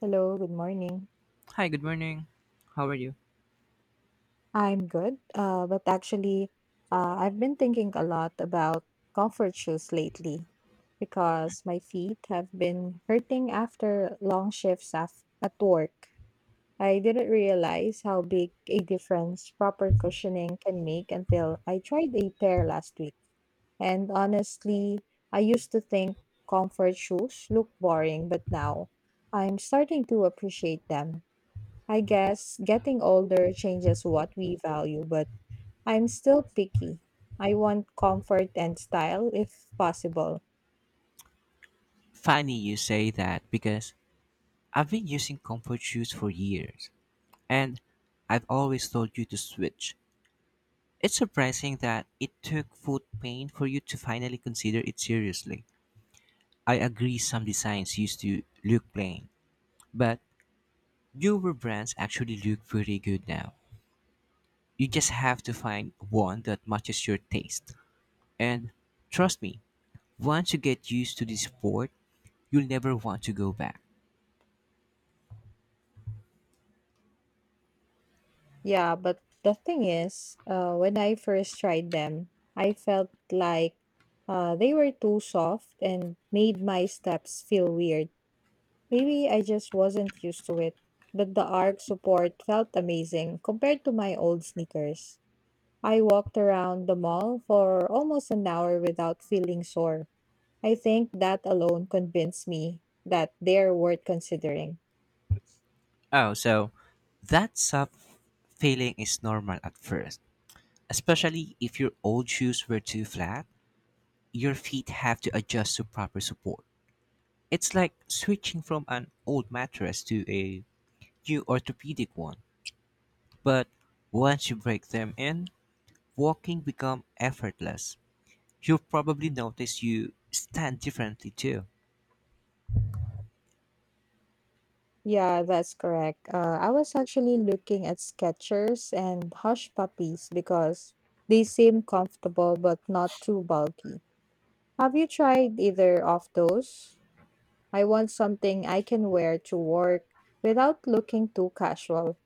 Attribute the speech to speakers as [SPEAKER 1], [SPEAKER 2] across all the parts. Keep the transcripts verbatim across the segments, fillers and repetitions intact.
[SPEAKER 1] Hello, good morning.
[SPEAKER 2] Hi, good morning. How are you?
[SPEAKER 1] I'm good, uh, but actually, uh, I've been thinking a lot about comfort shoes lately because my feet have been hurting after long shifts af- at work. I didn't realize how big a difference proper cushioning can make until I tried a pair last week. And honestly, I used to think comfort shoes look boring, but now I'm starting to appreciate them. I guess getting older changes what we value, but I'm still picky. I want comfort and style if possible.
[SPEAKER 2] Funny you say that because I've been using comfort shoes for years and I've always told you to switch. It's surprising that it took foot pain for you to finally consider it seriously. I agree some designs used to look plain, but newer brands actually look pretty good now. You just have to find one that matches your taste. And trust me, once you get used to this sport, you'll never want to go back.
[SPEAKER 1] Yeah, but the thing is, uh, when I first tried them, I felt like uh, they were too soft and made my steps feel weird. Maybe I just wasn't used to it, but the arc support felt amazing compared to my old sneakers. I walked around the mall for almost an hour without feeling sore. I think that alone convinced me that they're worth considering.
[SPEAKER 2] Oh, so that soft feeling is normal at first, especially if your old shoes were too flat. Your feet have to adjust to proper support. It's like switching from an old mattress to a new orthopedic one. But once you break them in, walking becomes effortless. You'll probably notice you stand differently too.
[SPEAKER 1] Yeah, that's correct. Uh, I was actually looking at Skechers and Hush Puppies because they seem comfortable but not too bulky. Have you tried either of those? I want something I can wear to work without looking too casual.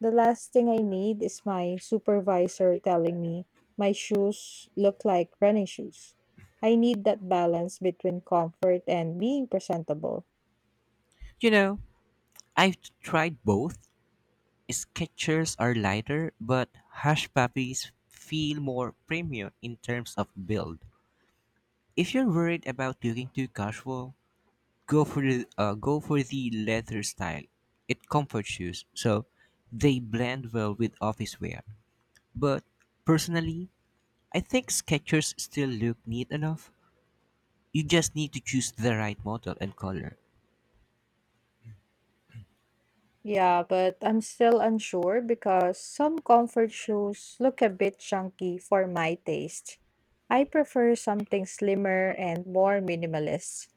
[SPEAKER 1] The last thing I need is my supervisor telling me my shoes look like running shoes. I need that balance between comfort and being presentable.
[SPEAKER 2] You know, I've tried both Skechers are lighter, but Hush Puppies feel more premium in terms of build. If you're worried about looking too casual, go for the uh, go for the leather style. It comforts shoes, so they blend well with office wear. But personally, I think Skechers still look neat enough. You just need to choose the right model and color.
[SPEAKER 1] Yeah, but I'm still unsure because some comfort shoes look a bit chunky for my taste. I prefer something slimmer and more minimalist.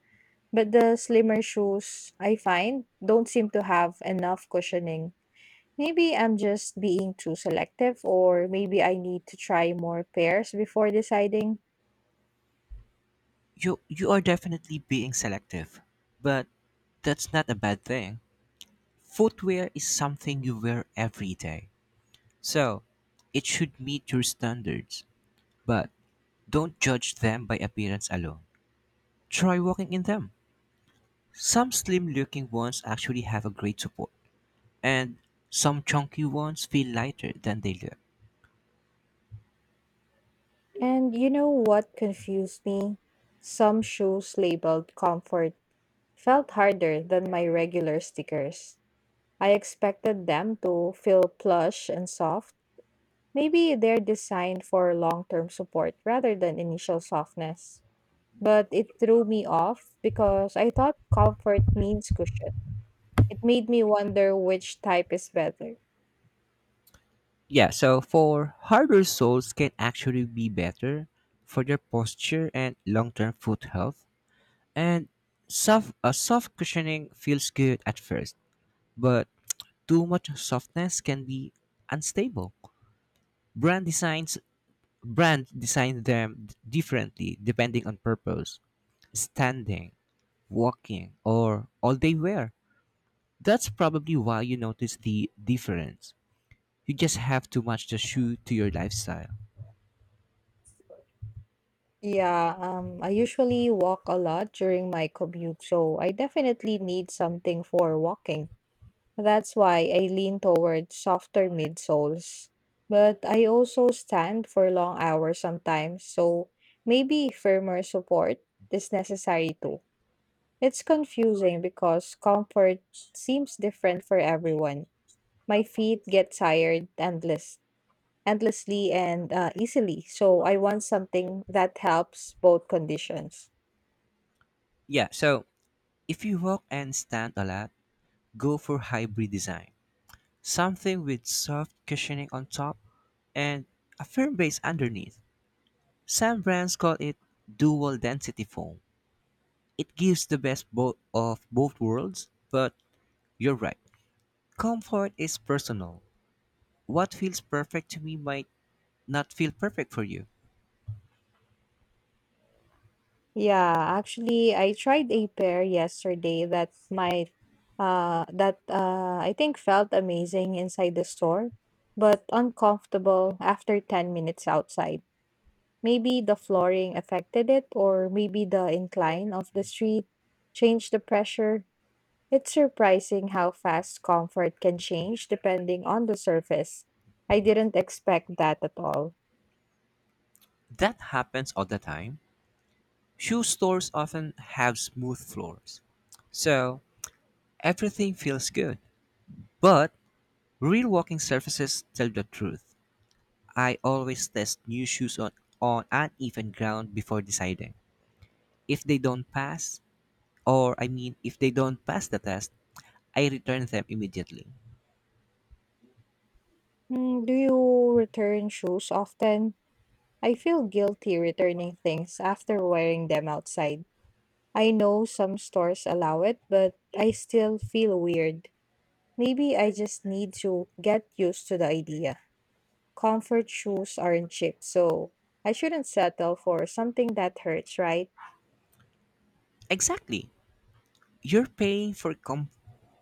[SPEAKER 1] But the slimmer shoes I find don't seem to have enough cushioning. Maybe I'm just being too selective, or maybe I need to try more pairs before deciding.
[SPEAKER 2] You you are definitely being selective, but that's not a bad thing. Footwear is something you wear every day, so it should meet your standards. But don't judge them by appearance alone. Try walking in them. Some slim looking ones actually have a great support, and some chunky ones feel lighter than they look.
[SPEAKER 1] And you know what confused me? Some shoes labeled comfort felt harder than my regular stickers. I expected them to feel plush and soft. Maybe they're designed for long term support rather than initial softness. But it threw me off because I thought comfort means cushion. It made me wonder which type is better.
[SPEAKER 2] Yeah, so for harder soles can actually be better for your posture and long term foot health. And soft, a soft cushioning feels good at first, but too much softness can be unstable. Brand designs brand design them differently depending on purpose, standing, walking, or all they wear. That's probably why you notice the difference. You just have to match the shoe to your lifestyle.
[SPEAKER 1] Yeah, um, I usually walk a lot during my commute, so I definitely need something for walking. That's why I lean toward softer midsoles. But I also stand for long hours sometimes, so maybe firmer support is necessary too. It's confusing because comfort seems different for everyone. My feet get tired endless, endlessly and uh, easily, so I want something that helps both conditions.
[SPEAKER 2] Yeah, so if you walk and stand a lot, go for hybrid design. Something with soft cushioning on top and a firm base underneath. Some brands call it dual density foam. It gives the best bo- of both worlds, but you're right. Comfort is personal. What feels perfect to me might not feel perfect for you.
[SPEAKER 1] Yeah, actually, I tried a pair yesterday that might uh that uh I think felt amazing inside the store, but uncomfortable after ten minutes outside. Maybe the flooring affected it, or maybe the incline of the street changed the pressure. It's surprising how fast comfort can change depending on the surface. I didn't expect that at all.
[SPEAKER 2] That happens all the time. Shoe stores often have smooth floors, so everything feels good. But real walking surfaces tell the truth. I always test new shoes on, on uneven ground before deciding. If they don't pass, or I mean, if they don't pass the test, I return them immediately.
[SPEAKER 1] Mm, do you return shoes often? I feel guilty returning things after wearing them outside. I know some stores allow it, but I still feel weird. Maybe I just need to get used to the idea. Comfort shoes aren't cheap, so I shouldn't settle for something that hurts, right?
[SPEAKER 2] Exactly. You're paying for com-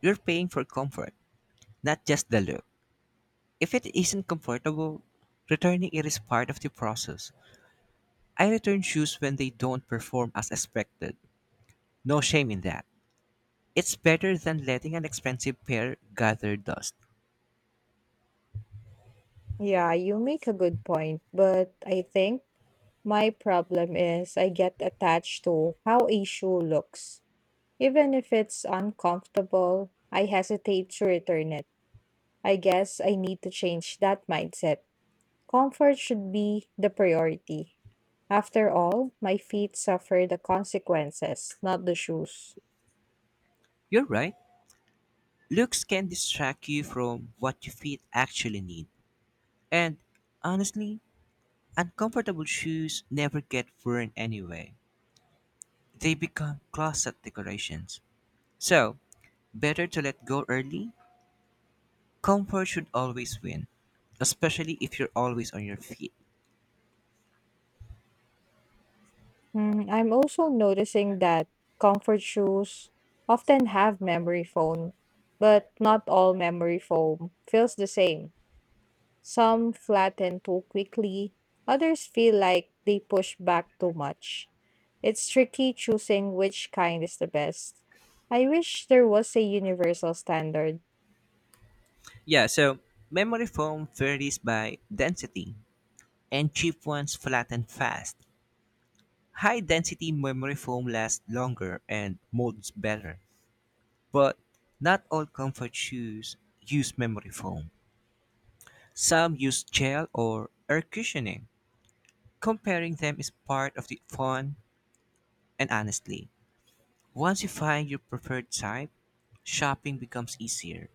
[SPEAKER 2] you're paying for comfort, not just the look. If it isn't comfortable, returning it is part of the process. I return shoes when they don't perform as expected. No shame in that. It's better than letting an expensive pair gather dust.
[SPEAKER 1] Yeah, you make a good point, but I think my problem is I get attached to how a shoe looks. Even if it's uncomfortable, I hesitate to return it. I guess I need to change that mindset. Comfort should be the priority. After all, my feet suffer the consequences, not the shoes.
[SPEAKER 2] You're right. Looks can distract you from what your feet actually need. And honestly, uncomfortable shoes never get worn anyway. They become closet decorations. So, better to let go early. Comfort should always win, especially if you're always on your feet.
[SPEAKER 1] Mm, I'm also noticing that comfort shoes often have memory foam, but not all memory foam feels the same. Some flatten too quickly, others feel like they push back too much. It's tricky choosing which kind is the best. I wish there was a universal standard.
[SPEAKER 2] Yeah, so memory foam varies by density, and cheap ones flatten fast. High density memory foam lasts longer and molds better, but not all comfort shoes use memory foam. Some use gel or air cushioning. Comparing them is part of the fun, and honestly, once you find your preferred type, shopping becomes easier.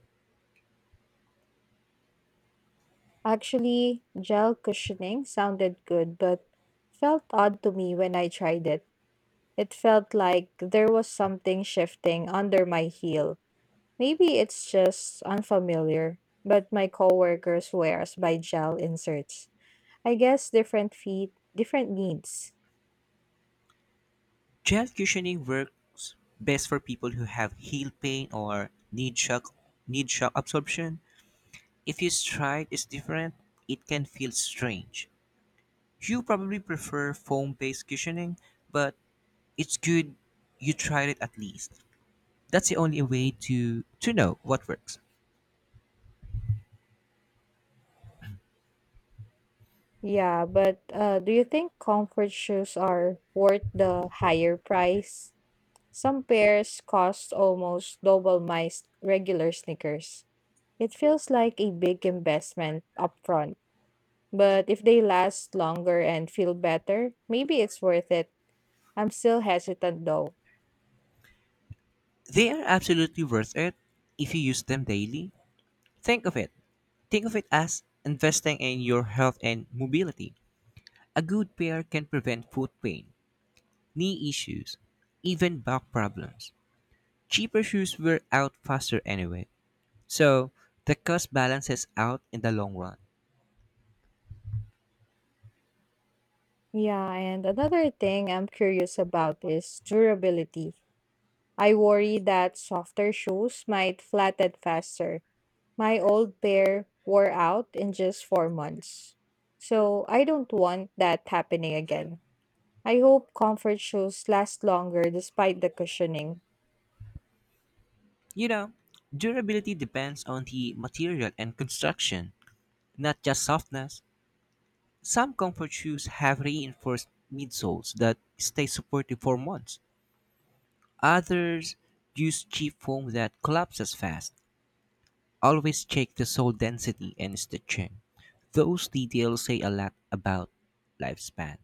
[SPEAKER 1] Actually, gel cushioning sounded good, but felt odd to me when I tried it. It felt like there was something shifting under my heel. Maybe it's just unfamiliar, but my coworkers wears by gel inserts. I guess different feet, different needs.
[SPEAKER 2] Gel cushioning works best for people who have heel pain or need shock need shock absorption. If your stride is different, it can feel strange. You probably prefer foam-based cushioning, but it's good you tried it at least. That's the only way to to know what works.
[SPEAKER 1] Yeah, but uh, do you think comfort shoes are worth the higher price? Some pairs cost almost double my s- regular sneakers. It feels like a big investment upfront, but if they last longer and feel better, maybe it's worth it. I'm still hesitant though.
[SPEAKER 2] They are absolutely worth it if you use them daily. Think of it. Think of it as investing in your health and mobility. A good pair can prevent foot pain, knee issues, even back problems. Cheaper shoes wear out faster anyway, so the cost balances out in the long run.
[SPEAKER 1] Yeah, and another thing I'm curious about is durability. I worry that softer shoes might flatten faster. My old pair wore out in just four months. So I don't want that happening again. I hope comfort shoes last longer despite the cushioning.
[SPEAKER 2] You know, durability depends on the material and construction, not just softness. Some comfort shoes have reinforced midsoles that stay supportive for months. Others use cheap foam that collapses fast. Always check the sole density and stitching. Those details say a lot about lifespan.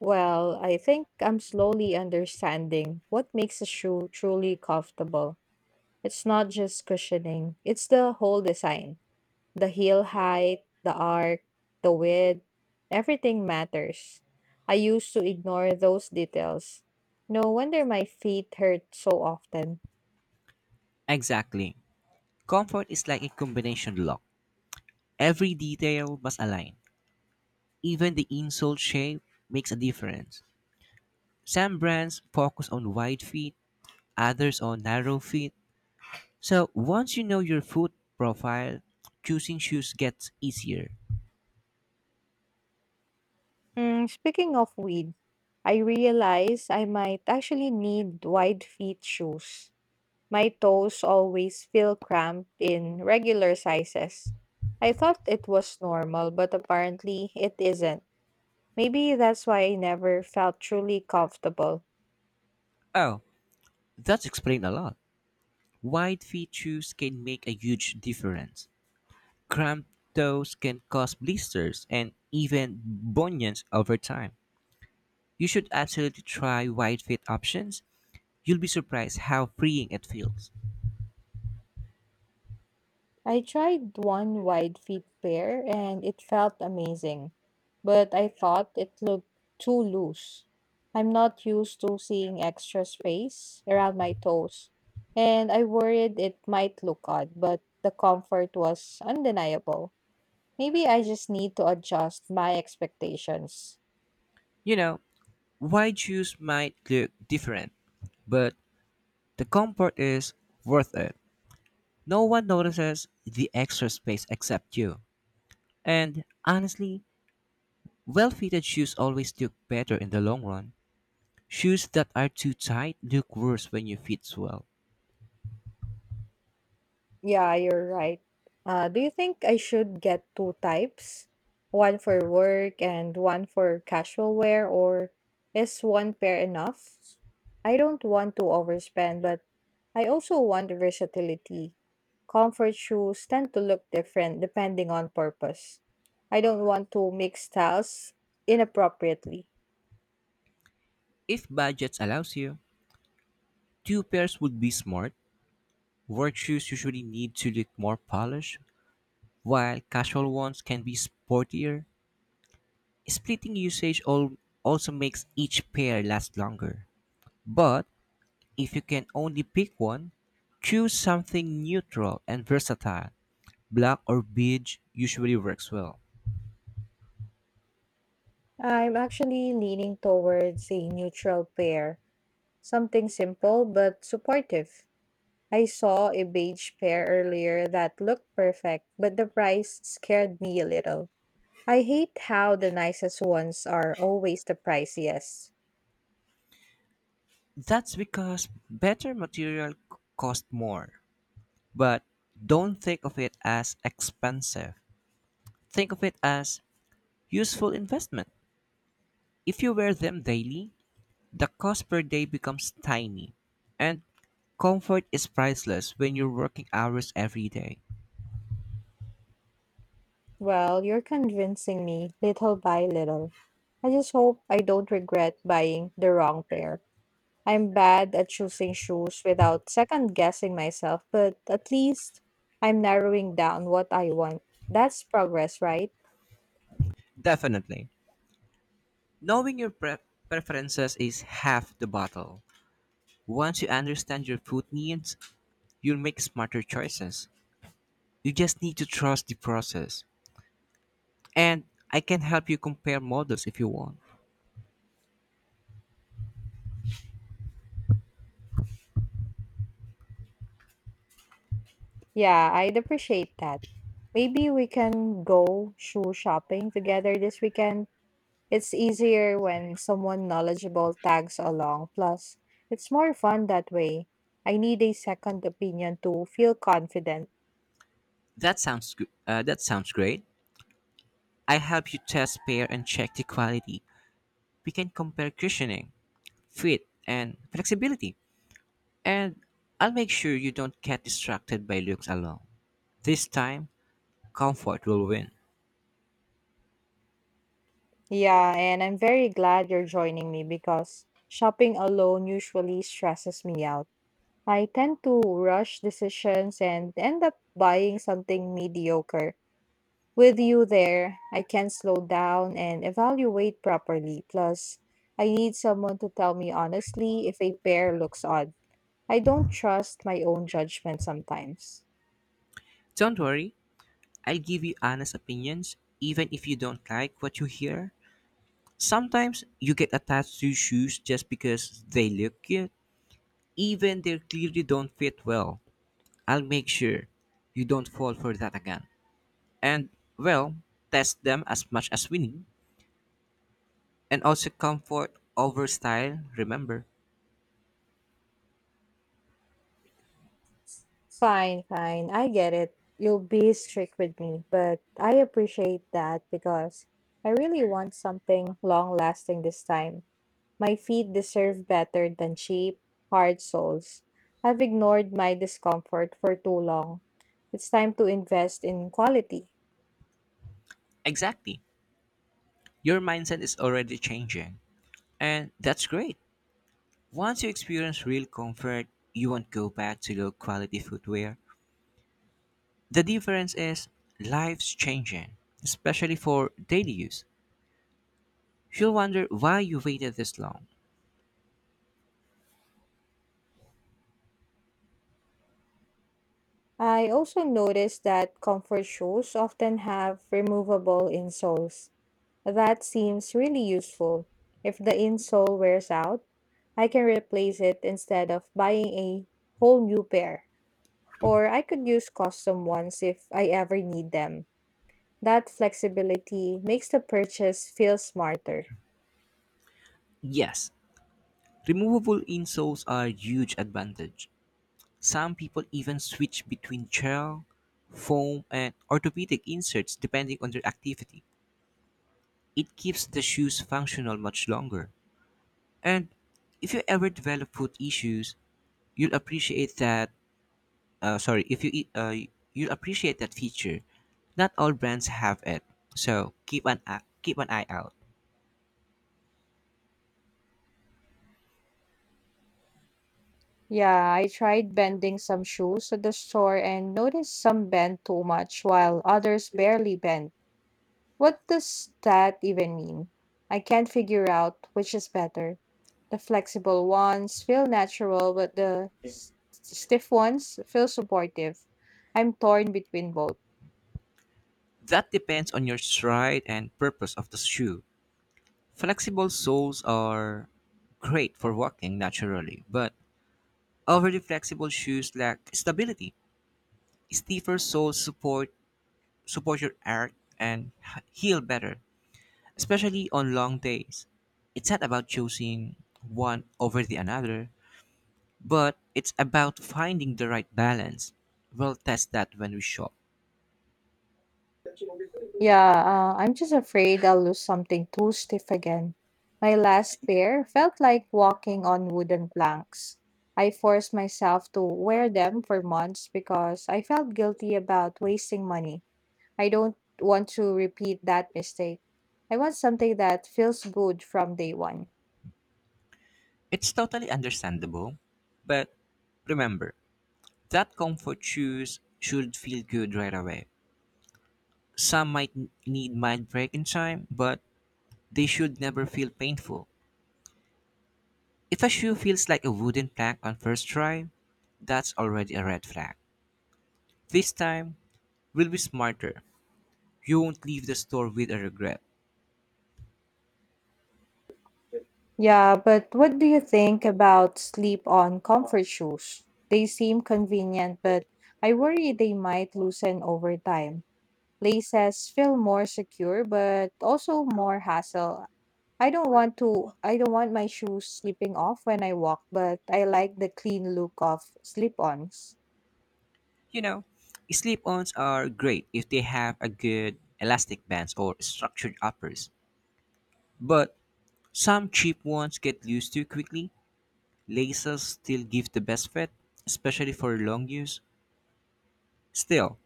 [SPEAKER 1] Well, I think I'm slowly understanding what makes a shoe truly comfortable. It's not just cushioning, it's the whole design. The heel height, the arc, the width, everything matters. I used to ignore those details. No wonder my feet hurt so often.
[SPEAKER 2] Exactly. Comfort is like a combination lock. Every detail must align. Even the insole shape makes a difference. Some brands focus on wide feet, others on narrow feet. So once you know your foot profile, choosing shoes gets easier.
[SPEAKER 1] Mm, speaking of weed, I realize I might actually need wide feet shoes. My toes always feel cramped in regular sizes. I thought it was normal, but apparently it isn't. Maybe that's why I never felt truly comfortable.
[SPEAKER 2] Oh, that's explained a lot. Wide feet shoes can make a huge difference. Cramped toes can cause blisters and even bunions over time. You should absolutely try wide feet options. You'll be surprised how freeing it feels.
[SPEAKER 1] I tried one wide feet pair and it felt amazing, but I thought it looked too loose. I'm not used to seeing extra space around my toes, and I worried it might look odd, but the comfort was undeniable. Maybe I just need to adjust my expectations.
[SPEAKER 2] You know, wide shoes might look different, but the comfort is worth it. No one notices the extra space except you. And honestly, well fitted shoes always look better in the long run. Shoes that are too tight look worse when you fit swell.
[SPEAKER 1] Yeah, you're right. Uh, do you think I should get two types? One for work and one for casual wear, or is one pair enough? I don't want to overspend, but I also want versatility. Comfort shoes tend to look different depending on purpose. I don't want to mix styles inappropriately.
[SPEAKER 2] If budget allows you, two pairs would be smart. Work shoes usually need to look more polished, while casual ones can be sportier. Splitting usage al- also makes each pair last longer. But if you can only pick one, choose something neutral and versatile. Black or beige usually works well.
[SPEAKER 1] I'm actually leaning towards a neutral pair, something simple but supportive. I saw a beige pair earlier that looked perfect, but the price scared me a little. I hate how the nicest ones are always the priciest.
[SPEAKER 2] That's because better material c- cost more. But don't think of it as expensive. Think of it as useful investment. If you wear them daily, the cost per day becomes tiny. And comfort is priceless when you're working hours every day.
[SPEAKER 1] Well, you're convincing me little by little. I just hope I don't regret buying the wrong pair. I'm bad at choosing shoes without second guessing myself, but at least I'm narrowing down what I want. That's progress, right?
[SPEAKER 2] Definitely. Knowing your pre- preferences is half the battle. Once you understand your food needs, you'll make smarter choices. You just need to trust the process. And I can help you compare models if you want.
[SPEAKER 1] Yeah, I'd appreciate that. Maybe we can go shoe shopping together this weekend. It's easier when someone knowledgeable tags along, plus, it's more fun that way. I need a second opinion to feel confident.
[SPEAKER 2] That sounds good. Uh, that sounds great. I help you test, pair, and check the quality. We can compare cushioning, fit, and flexibility. And I'll make sure you don't get distracted by looks alone. This time, comfort will win.
[SPEAKER 1] Yeah, and I'm very glad you're joining me because shopping alone usually stresses me out. I tend to rush decisions and end up buying something mediocre. With you there, I can slow down and evaluate properly. Plus, I need someone to tell me honestly if a pair looks odd. I don't trust my own judgment sometimes.
[SPEAKER 2] Don't worry, I'll give you honest opinions, even if you don't like what you hear. Sometimes you get attached to shoes just because they look cute, even they clearly don't fit well. I'll make sure you don't fall for that again. And, well, test them as much as we need. And also comfort over style, remember.
[SPEAKER 1] Fine, fine. I get it. You'll be strict with me, but I appreciate that because I really want something long lasting this time. My feet deserve better than cheap, hard soles. I've ignored my discomfort for too long. It's time to invest in quality.
[SPEAKER 2] Exactly. Your mindset is already changing. And that's great. Once you experience real comfort, you won't go back to low quality footwear. The difference is life's changing, especially for daily use. You'll wonder why you waited this long.
[SPEAKER 1] I also noticed that comfort shoes often have removable insoles. That seems really useful. If the insole wears out, I can replace it instead of buying a whole new pair. Or I could use custom ones if I ever need them. That flexibility makes the purchase feel smarter.
[SPEAKER 2] Yes, removable insoles are a huge advantage. Some people even switch between gel, foam, and orthopedic inserts depending on their activity. It keeps the shoes functional much longer. And if you ever develop foot issues, you'll appreciate that uh, sorry, if you eat, uh, you appreciate that feature. Not all brands have it, so keep an a- keep an eye out.
[SPEAKER 1] Yeah, I tried bending some shoes at the store and noticed some bent too much while others barely bent. What does that even mean? I can't figure out which is better. The flexible ones feel natural, but the s- stiff ones feel supportive. I'm torn between both.
[SPEAKER 2] That depends on your stride and purpose of the shoe. Flexible soles are great for walking naturally, but overly flexible shoes lack stability. Stiffer soles support support your arch and h- heel better, especially on long days. It's not about choosing one over the another. But it's about finding the right balance. We'll test that when we shop.
[SPEAKER 1] Yeah, uh, I'm just afraid I'll lose something too stiff again. My last pair felt like walking on wooden planks. I forced myself to wear them for months because I felt guilty about wasting money. I don't want to repeat that mistake. I want something that feels good from day one.
[SPEAKER 2] It's totally understandable, but remember that comfort shoes should feel good right away. Some might n- need mild break in time, but they should never feel painful. If a shoe feels like a wooden plank on first try, that's already a red flag. This time, we'll be smarter. You won't leave the store with a regret.
[SPEAKER 1] Yeah, but what do you think about sleep on comfort shoes? They seem convenient, but I worry they might loosen over time. Laces feel more secure, but also more hassle. I don't want to I don't want my shoes slipping off when I walk, but I like the clean look of slip-ons.
[SPEAKER 2] You know, slip-ons are great if they have a good elastic bands or structured uppers. But some cheap ones get used too quickly. Laces still give the best fit, especially for long use. Still,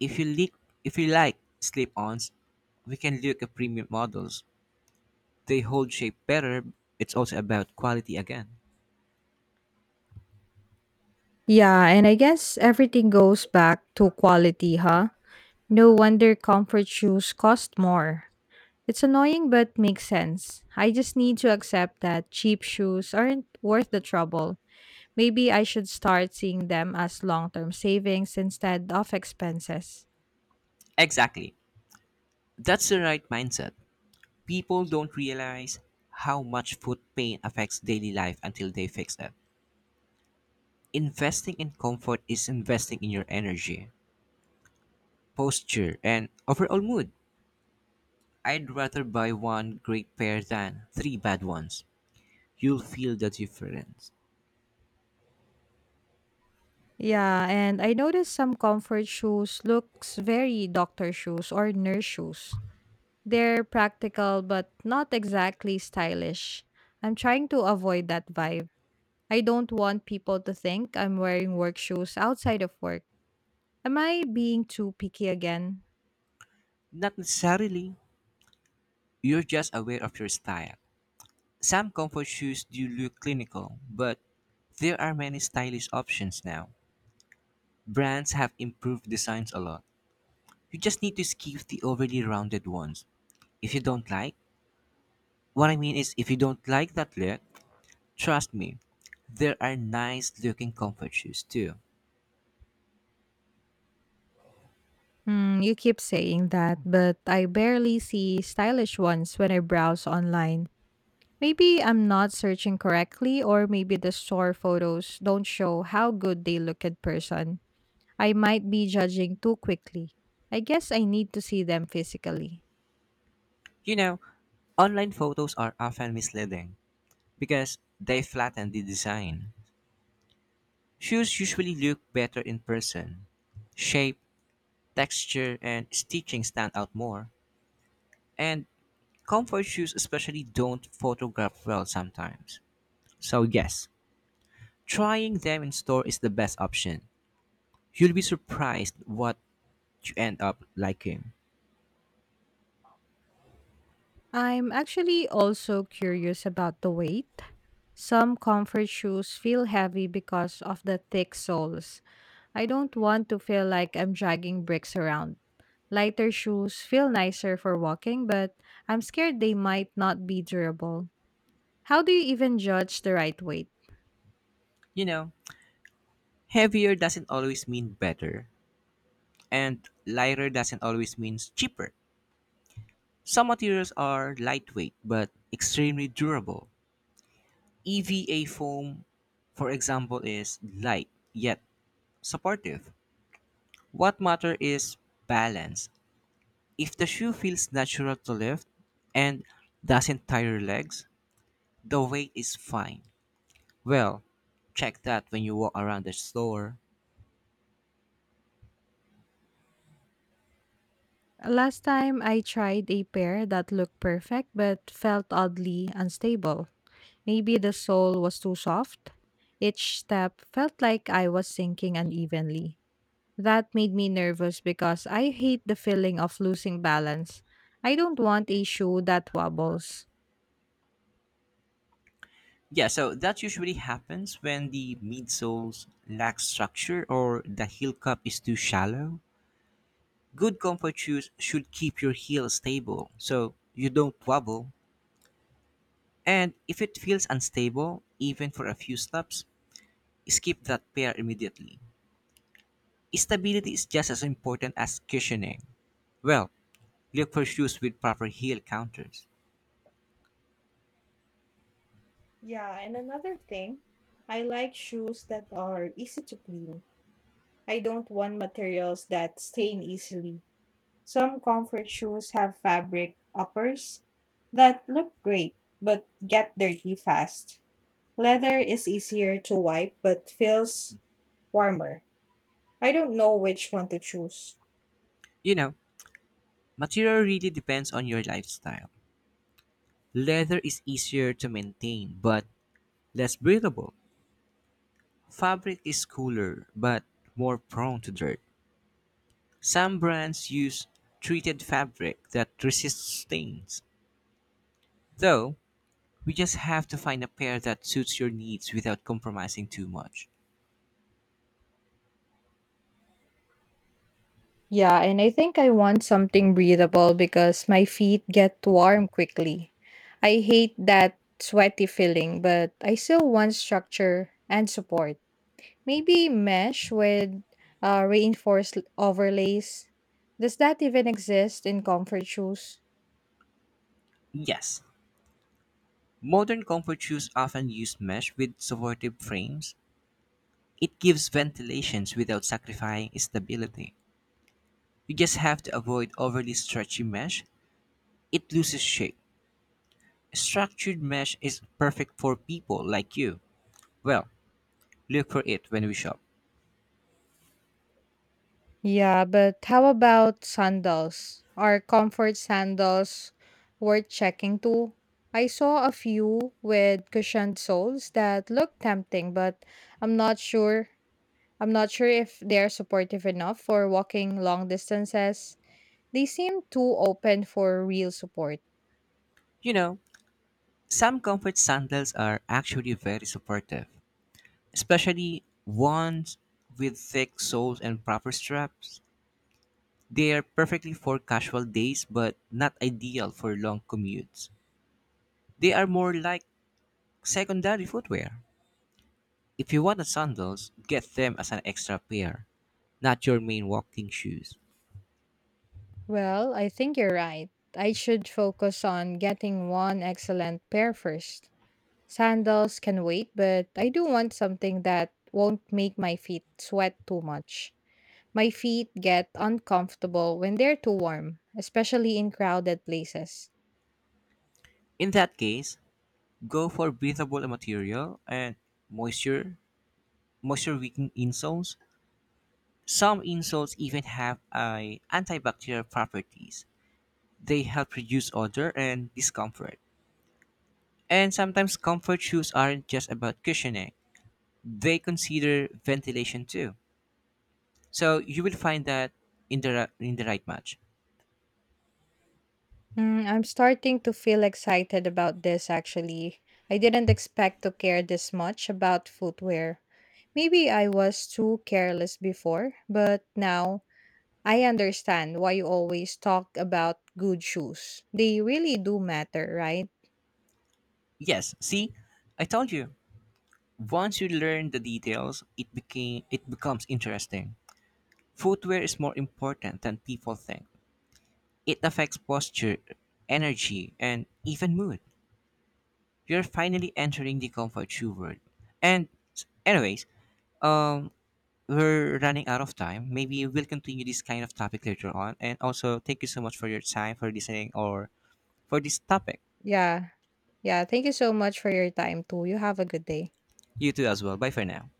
[SPEAKER 2] if you like, if you like slip-ons, we can look at premium models. They hold shape better. It's also about quality again.
[SPEAKER 1] Yeah, and I guess everything goes back to quality, huh? No wonder comfort shoes cost more. It's annoying but makes sense. I just need to accept that cheap shoes aren't worth the trouble. Maybe I should start seeing them as long term savings instead of expenses.
[SPEAKER 2] Exactly. That's the right mindset. People don't realize how much foot pain affects daily life until they fix it. Investing in comfort is investing in your energy, posture, and overall mood. I'd rather buy one great pair than three bad ones. You'll feel the difference.
[SPEAKER 1] Yeah, and I noticed some comfort shoes looks very doctor shoes or nurse shoes. They're practical but not exactly stylish. I'm trying to avoid that vibe. I don't want people to think I'm wearing work shoes outside of work. Am I being too picky again?
[SPEAKER 2] Not necessarily, you're just aware of your style. Some comfort shoes do look clinical, but there are many stylish options now. Brands have improved designs a lot. You just need to skip the overly rounded ones. If you don't like, what I mean is if you don't like that look, trust me, there are nice looking comfort shoes too.
[SPEAKER 1] Hmm. You keep saying that, but I barely see stylish ones when I browse online. Maybe I'm not searching correctly, or maybe the store photos don't show how good they look in person. I might be judging too quickly. I guess I need to see them physically.
[SPEAKER 2] You know, online photos are often misleading because they flatten the design. Shoes usually look better in person. Shape, texture, and stitching stand out more. And comfort shoes especially don't photograph well sometimes. So yes, trying them in store is the best option. You'll be surprised what you end up liking.
[SPEAKER 1] I'm actually also curious about the weight. Some comfort shoes feel heavy because of the thick soles. I don't want to feel like I'm dragging bricks around. Lighter shoes feel nicer for walking, but I'm scared they might not be durable. How do you even judge the right weight?
[SPEAKER 2] You know, heavier doesn't always mean better. And lighter doesn't always mean cheaper. Some materials are lightweight but extremely durable. E V A foam, for example, is light yet supportive. What matters is balance. If the shoe feels natural to lift and doesn't tire your legs, the weight is fine. Well, check that when you walk around the store.
[SPEAKER 1] Last time I tried a pair that looked perfect but felt oddly unstable. Maybe the soul was too soft. Each step felt like I was sinking unevenly. That made me nervous because I hate the feeling of losing balance. I don't want a shoe that wobbles.
[SPEAKER 2] Yeah, so that usually happens when the midsoles lack structure or the heel cup is too shallow. Good comfort shoes should keep your heel stable so you don't wobble. And if it feels unstable, even for a few steps, skip that pair immediately. Stability is just as important as cushioning. Well, look for shoes with proper heel counters.
[SPEAKER 1] Yeah, and another thing, I like shoes that are easy to clean. I don't want materials that stain easily. Some comfort shoes have fabric uppers that look great but get dirty fast. Leather is easier to wipe but feels warmer. I don't know which one to choose.
[SPEAKER 2] You know, material really depends on your lifestyle. Leather is easier to maintain but less breathable. Fabric is cooler but more prone to dirt. Some brands use treated fabric that resists stains, though we just have to find a pair that suits your needs without compromising too much.
[SPEAKER 1] Yeah, and I think I want something breathable because my feet get warm quickly. I hate that sweaty feeling, but I still want structure and support. Maybe mesh with uh, reinforced overlays. Does that even exist in comfort shoes?
[SPEAKER 2] Yes, modern comfort shoes often use mesh with supportive frames. It gives ventilations without sacrificing its stability. You just have to avoid overly stretchy mesh. It loses shape. Structured mesh is perfect for people like you. Well, look for it when we shop.
[SPEAKER 1] Yeah, but how about sandals? Are comfort sandals worth checking too? I saw a few with cushioned soles that look tempting, but I'm not sure. I'm not sure if they're supportive enough for walking long distances. They seem too open for real support.
[SPEAKER 2] You know, some comfort sandals are actually very supportive, especially ones with thick soles and proper straps. They are perfectly for casual days but not ideal for long commutes. They are more like secondary footwear. If you want the sandals, get them as an extra pair, not your main walking shoes.
[SPEAKER 1] Well, I think you're right. I should focus on getting one excellent pair first. Sandals can wait, but I do want something that won't make my feet sweat too much. My feet get uncomfortable when they're too warm, especially in crowded places.
[SPEAKER 2] In that case, go for breathable material and moisture moisture wicking insoles. Some insults even have a antibacterial properties. They help reduce odor and discomfort. And sometimes comfort shoes aren't just about cushioning. They consider ventilation too. So you will find that in the ra- in the right match.
[SPEAKER 1] Mm, I'm starting to feel excited about this actually. I didn't expect to care this much about footwear. Maybe I was too careless before, but now I understand why you always talk about good shoes. They really do matter, right?
[SPEAKER 2] Yes, see? I told you. Once you learn the details, it became it becomes interesting. Footwear is more important than people think. It affects posture, energy, and even mood. We are finally entering the comfort shoe world. And anyways, um, we're running out of time. Maybe we'll continue this kind of topic later on. And also, thank you so much for your time, for listening, or for this topic.
[SPEAKER 1] Yeah, Yeah, thank you so much for your time too. You have a good day.
[SPEAKER 2] You too as well. Bye for now.